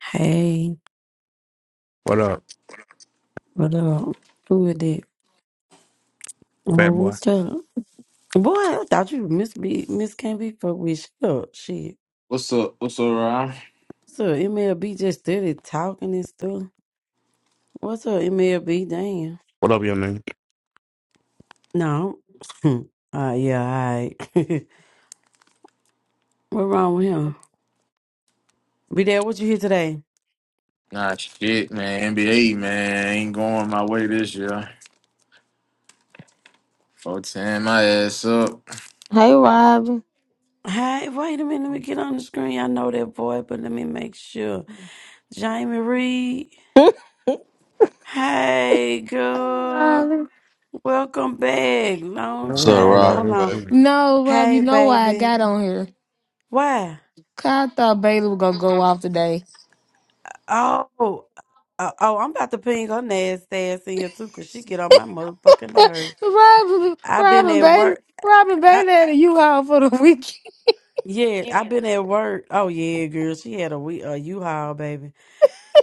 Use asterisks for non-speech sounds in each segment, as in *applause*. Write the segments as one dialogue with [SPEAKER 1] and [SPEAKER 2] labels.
[SPEAKER 1] Hey,
[SPEAKER 2] What up,
[SPEAKER 1] what up? Who is that? Oh,
[SPEAKER 2] fat boy?
[SPEAKER 1] what's up? Boy, I thought you Miss B Miss Can't Be fucked with. Shut up, shit.
[SPEAKER 3] What's up? What's up, Ryan?
[SPEAKER 1] What's up, MLB just started talking and stuff. What's up, MLB? Damn.
[SPEAKER 2] What up, young man?
[SPEAKER 1] No. *laughs* Ah, yeah, all right. *laughs* what wrong with him? Be there, what you here today?
[SPEAKER 3] Nah, shit, man. NBA, man, ain't going my way this year. Four ten, my ass up.
[SPEAKER 4] Hey Rob.
[SPEAKER 1] Hey, wait a minute, let me get on the screen. I know that boy, but let me make sure. Jamie Reed. Hey
[SPEAKER 4] Hey
[SPEAKER 1] girl.
[SPEAKER 4] Rob.
[SPEAKER 1] Welcome back. Long
[SPEAKER 2] No,
[SPEAKER 5] What's
[SPEAKER 2] no,
[SPEAKER 5] up,
[SPEAKER 1] time.
[SPEAKER 2] no,
[SPEAKER 1] Hold
[SPEAKER 5] Robin,
[SPEAKER 2] no,
[SPEAKER 1] on.
[SPEAKER 5] baby?
[SPEAKER 2] no.
[SPEAKER 4] No, Rob, you
[SPEAKER 1] Hey,
[SPEAKER 4] know why I
[SPEAKER 1] baby.
[SPEAKER 4] got on here.
[SPEAKER 1] Why?
[SPEAKER 4] 'Cause I thought Bailey was gonna go off today.
[SPEAKER 1] Oh, oh, oh, I'm about to ping her nasty ass in here too, cause she get on my motherfucking nerve.
[SPEAKER 4] *laughs* Rob
[SPEAKER 1] i been
[SPEAKER 4] Robin
[SPEAKER 1] at
[SPEAKER 4] Bailey
[SPEAKER 1] work.
[SPEAKER 4] Robin
[SPEAKER 1] I,
[SPEAKER 4] Bailey had a U Haul for the weekend. *laughs*
[SPEAKER 1] yeah, i been at work. Oh yeah, girl. She had a we a U-Haul, baby.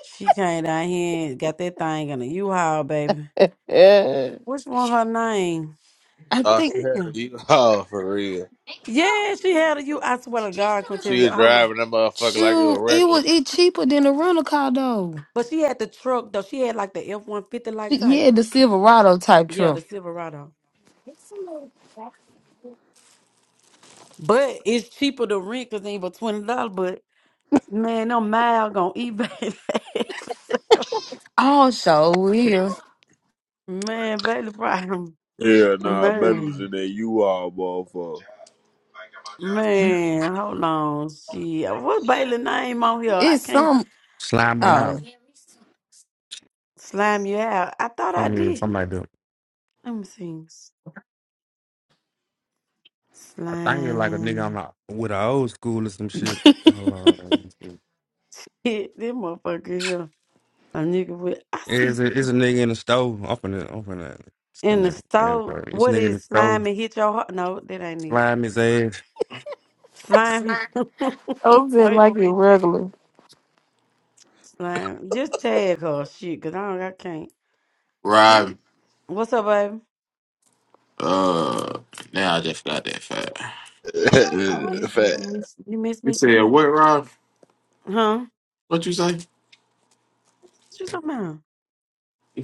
[SPEAKER 1] She came down here and got that thing in a U-Haul, baby.
[SPEAKER 4] Yeah.
[SPEAKER 1] Which one? Her name?
[SPEAKER 4] I
[SPEAKER 5] Oh,
[SPEAKER 4] think
[SPEAKER 5] she had a
[SPEAKER 1] Damn.
[SPEAKER 5] U haul *laughs* for real.
[SPEAKER 1] Yeah, she had a U. I swear to God,
[SPEAKER 5] She
[SPEAKER 1] Quinteria.
[SPEAKER 5] was
[SPEAKER 1] I don't know,
[SPEAKER 5] driving that motherfucker like it
[SPEAKER 4] shoot, it was
[SPEAKER 5] was
[SPEAKER 4] it cheaper than a rental car though.
[SPEAKER 1] but she had the truck though. She had like the F-150 like type.
[SPEAKER 4] Yeah, the Silverado type
[SPEAKER 1] Yeah,
[SPEAKER 4] truck.
[SPEAKER 1] the Silverado. But it's cheaper to rent because they ain't for twenty dollars. But man, no mile gonna eBay. *laughs*
[SPEAKER 4] Also, yeah.
[SPEAKER 1] man, Bailey probably
[SPEAKER 6] Yeah, nah, Belly was in
[SPEAKER 1] man,
[SPEAKER 6] there. You all, motherfucker.
[SPEAKER 1] man. Hold on, shit. What Bailey name on here? I
[SPEAKER 4] It's
[SPEAKER 1] can't
[SPEAKER 4] some
[SPEAKER 2] Slime them
[SPEAKER 1] I
[SPEAKER 2] out.
[SPEAKER 4] oh.
[SPEAKER 1] slime you out. I thought
[SPEAKER 2] I
[SPEAKER 1] I
[SPEAKER 2] mean,
[SPEAKER 1] did.
[SPEAKER 2] something like that.
[SPEAKER 1] Let me see.
[SPEAKER 2] I think it's like a nigga on
[SPEAKER 1] Slime.
[SPEAKER 2] the, with an old school or some shit. Hold on. let me see.
[SPEAKER 1] Hit this motherfucker here. A nigga with I
[SPEAKER 2] It's
[SPEAKER 1] see
[SPEAKER 2] a, it's a nigga in the stove. Up in the, up in the, it's in
[SPEAKER 1] in the
[SPEAKER 2] there. Yeah,
[SPEAKER 1] store.
[SPEAKER 2] bro. This
[SPEAKER 1] What
[SPEAKER 2] nigga in the
[SPEAKER 1] is slime
[SPEAKER 2] stove.
[SPEAKER 1] and hit your heart? No, that ain't it.
[SPEAKER 2] Slime his ass.
[SPEAKER 1] Slime. *laughs*
[SPEAKER 4] Open
[SPEAKER 1] Wait a
[SPEAKER 4] like it
[SPEAKER 1] minute.
[SPEAKER 4] regular.
[SPEAKER 1] Like Just tag her shit, cause I don't I can't.
[SPEAKER 3] Rob,
[SPEAKER 1] What's up, baby?
[SPEAKER 3] uh, now I just got that fat.
[SPEAKER 1] I
[SPEAKER 5] regular. *laughs*
[SPEAKER 1] miss you. You
[SPEAKER 5] Fat
[SPEAKER 1] miss you miss
[SPEAKER 3] You
[SPEAKER 1] me too
[SPEAKER 3] said
[SPEAKER 1] bad.
[SPEAKER 3] what, Rob?
[SPEAKER 1] Huh?
[SPEAKER 3] What you say?
[SPEAKER 1] What you talking about?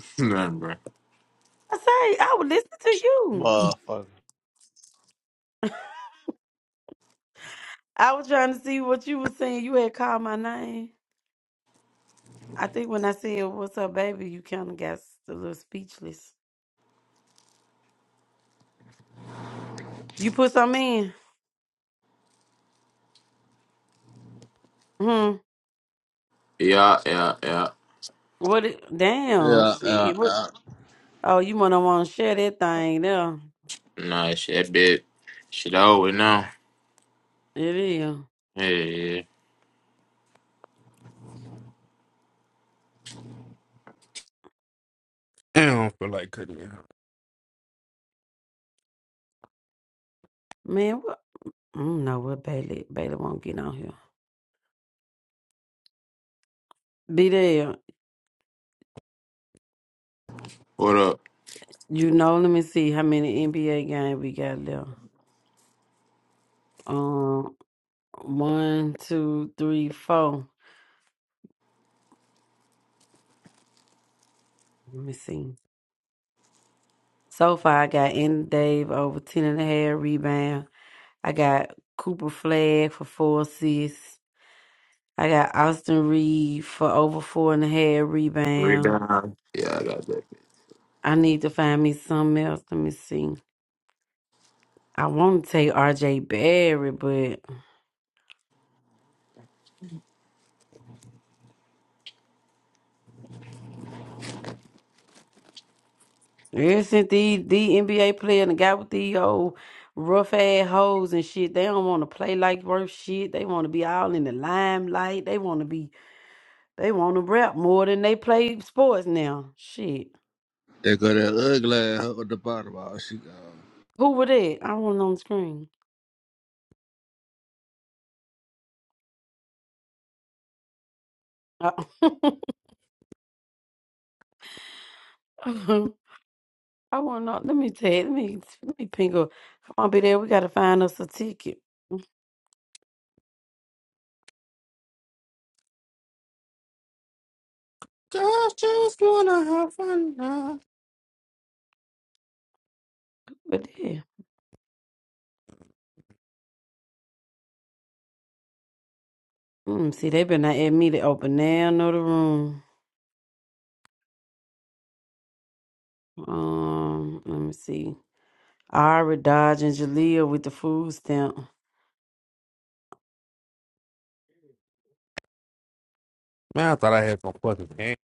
[SPEAKER 3] *laughs* Nothing, bro.
[SPEAKER 1] I say I would listen to you.
[SPEAKER 5] motherfucker.
[SPEAKER 1] *laughs* I was trying to see what you were saying. You had called my name. I think when I said what's up, baby, you kinda got s- a little speechless. You put something in? Hmm.
[SPEAKER 3] Yeah, yeah, yeah.
[SPEAKER 1] What it
[SPEAKER 5] Yeah,
[SPEAKER 1] damn
[SPEAKER 5] uh,
[SPEAKER 1] shit. What
[SPEAKER 5] uh,
[SPEAKER 1] oh you wanna wanna share that thing there.
[SPEAKER 3] Nah, shit, that bit. Shit over now.
[SPEAKER 1] It is.
[SPEAKER 3] Hey,
[SPEAKER 2] *clears throat* I don't feel like cutting it.
[SPEAKER 1] Man, what I don't know what Bailey Bailey won't get on here. Be there.
[SPEAKER 3] what up?
[SPEAKER 1] You know, let me see how many NBA games we got left. Um, one, two, three, four. Let me see. So far, I got in Dave over 10 and a half rebound. I got Cooper Flag for four assists. I got Austin Reed for over four and a half rebound.
[SPEAKER 3] Rebound. Yeah, I got that.
[SPEAKER 1] I need to find me something else. Let me see. I want to take RJ Barry, Isn't the the NBA player and the guy with the old rough ass hoes and shit? They don't want to play like worth shit. They want to be all in the limelight. They want to be. They want to rap more than they play sports now. Shit.
[SPEAKER 5] they got that ugly ass up at the bottom. Oh, she gone.
[SPEAKER 1] Who were that? I wasn't on the screen. I, *laughs* I want to. Let me tell. You, let me let me ping up. Come on, be there. We gotta find us a ticket. Mm-hmm,
[SPEAKER 2] Just, just wanna have fun now.
[SPEAKER 1] But yeah. Mm, see, they better not admit to Open now. Know the room. Um. Let me see. Ira, Dodge, and Jalea with the food stamp.
[SPEAKER 2] Man, I thought I had some fucking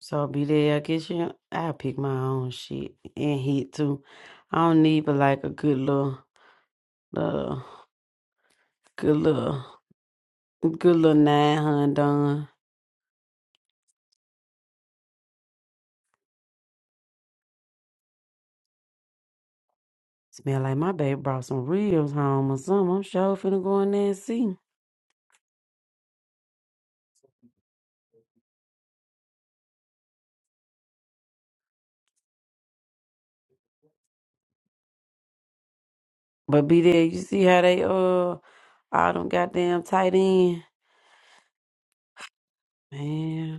[SPEAKER 1] So be there. I guess you. I'll pick my own shit and heat too. I don't need but like a good little, little good little, good little nine hun done. Smell like my baby brought some ribs home or something. I'm sure finna go in there and see. But be there. You see how they uh all them goddamn tight end man.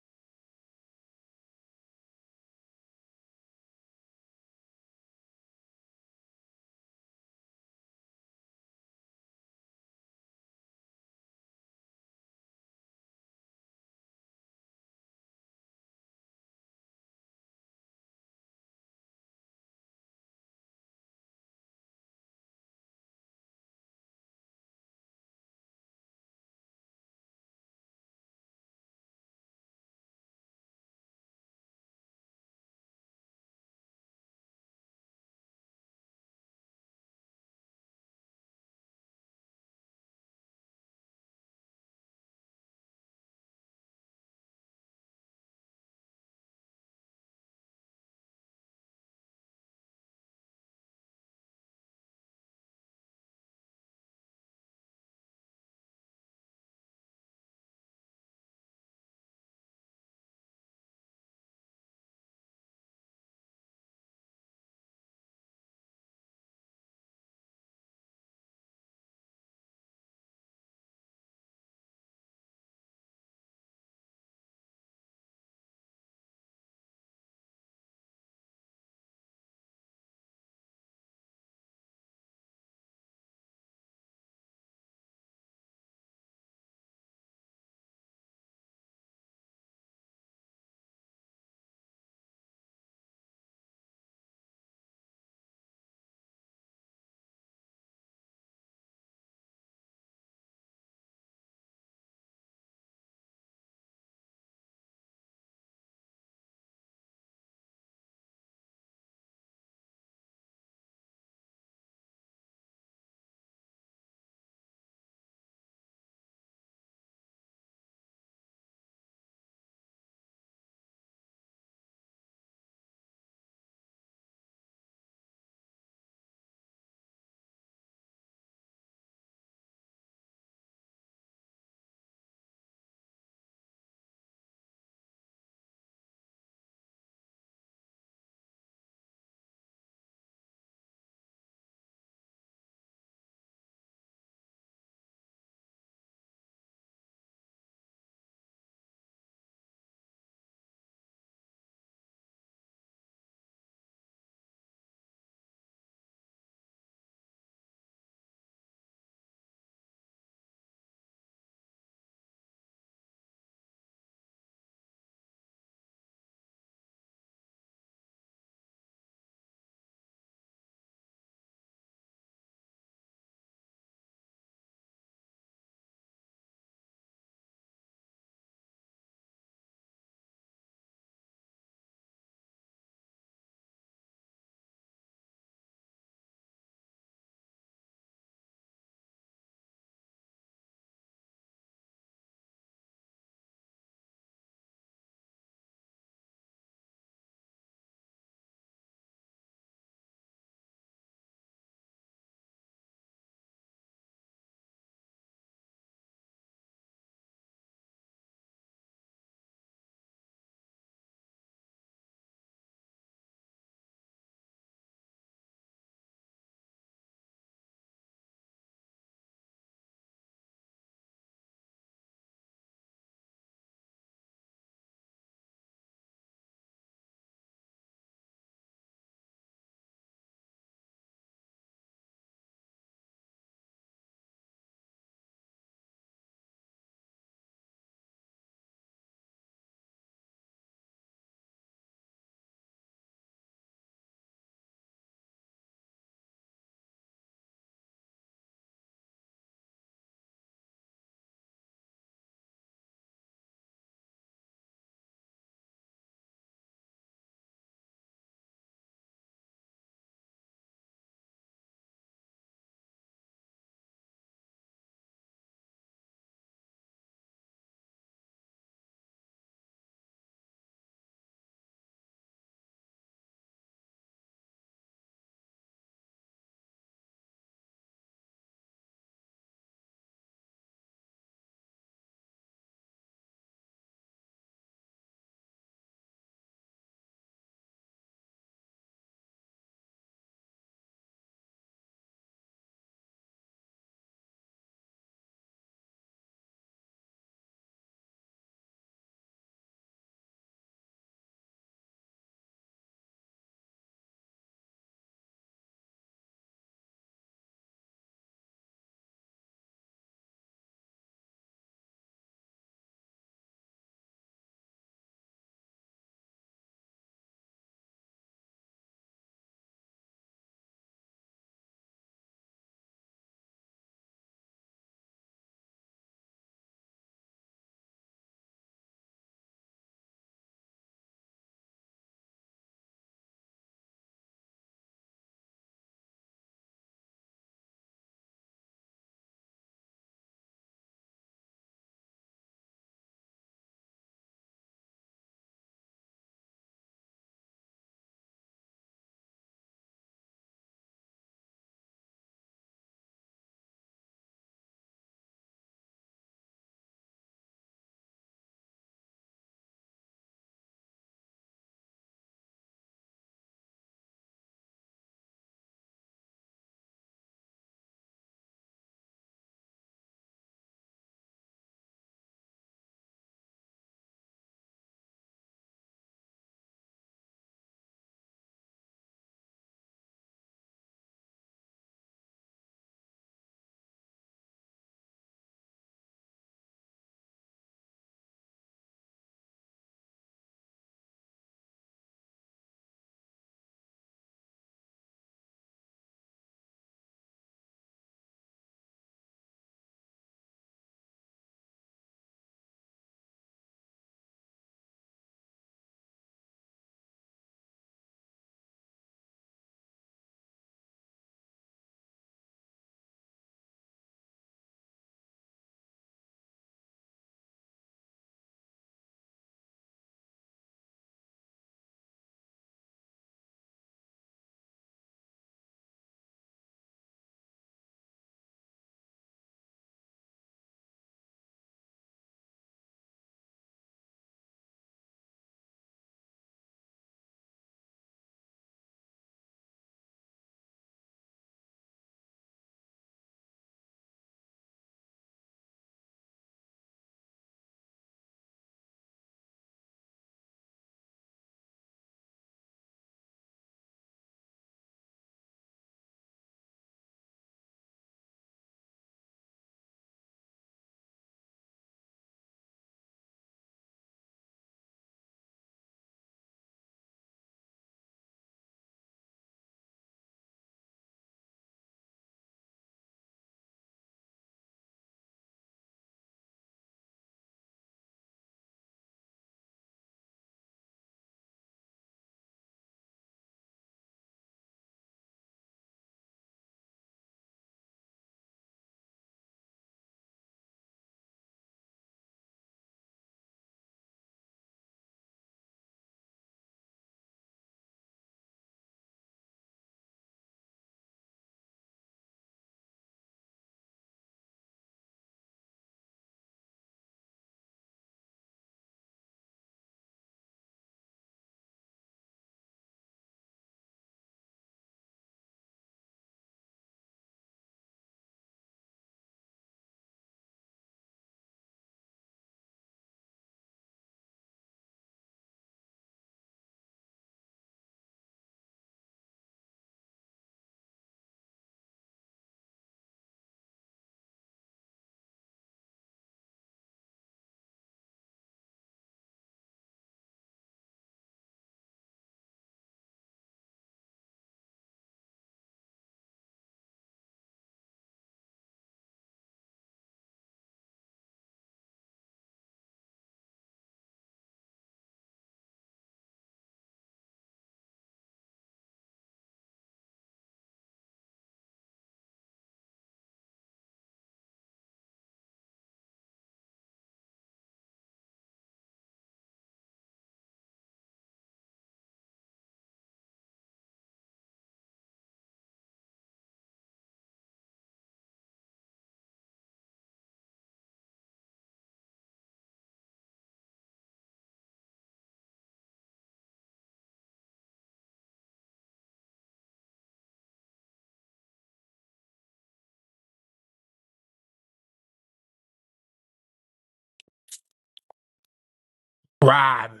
[SPEAKER 7] Robin.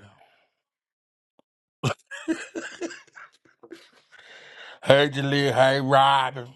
[SPEAKER 7] Hey, Jaleel. Hey, Robin.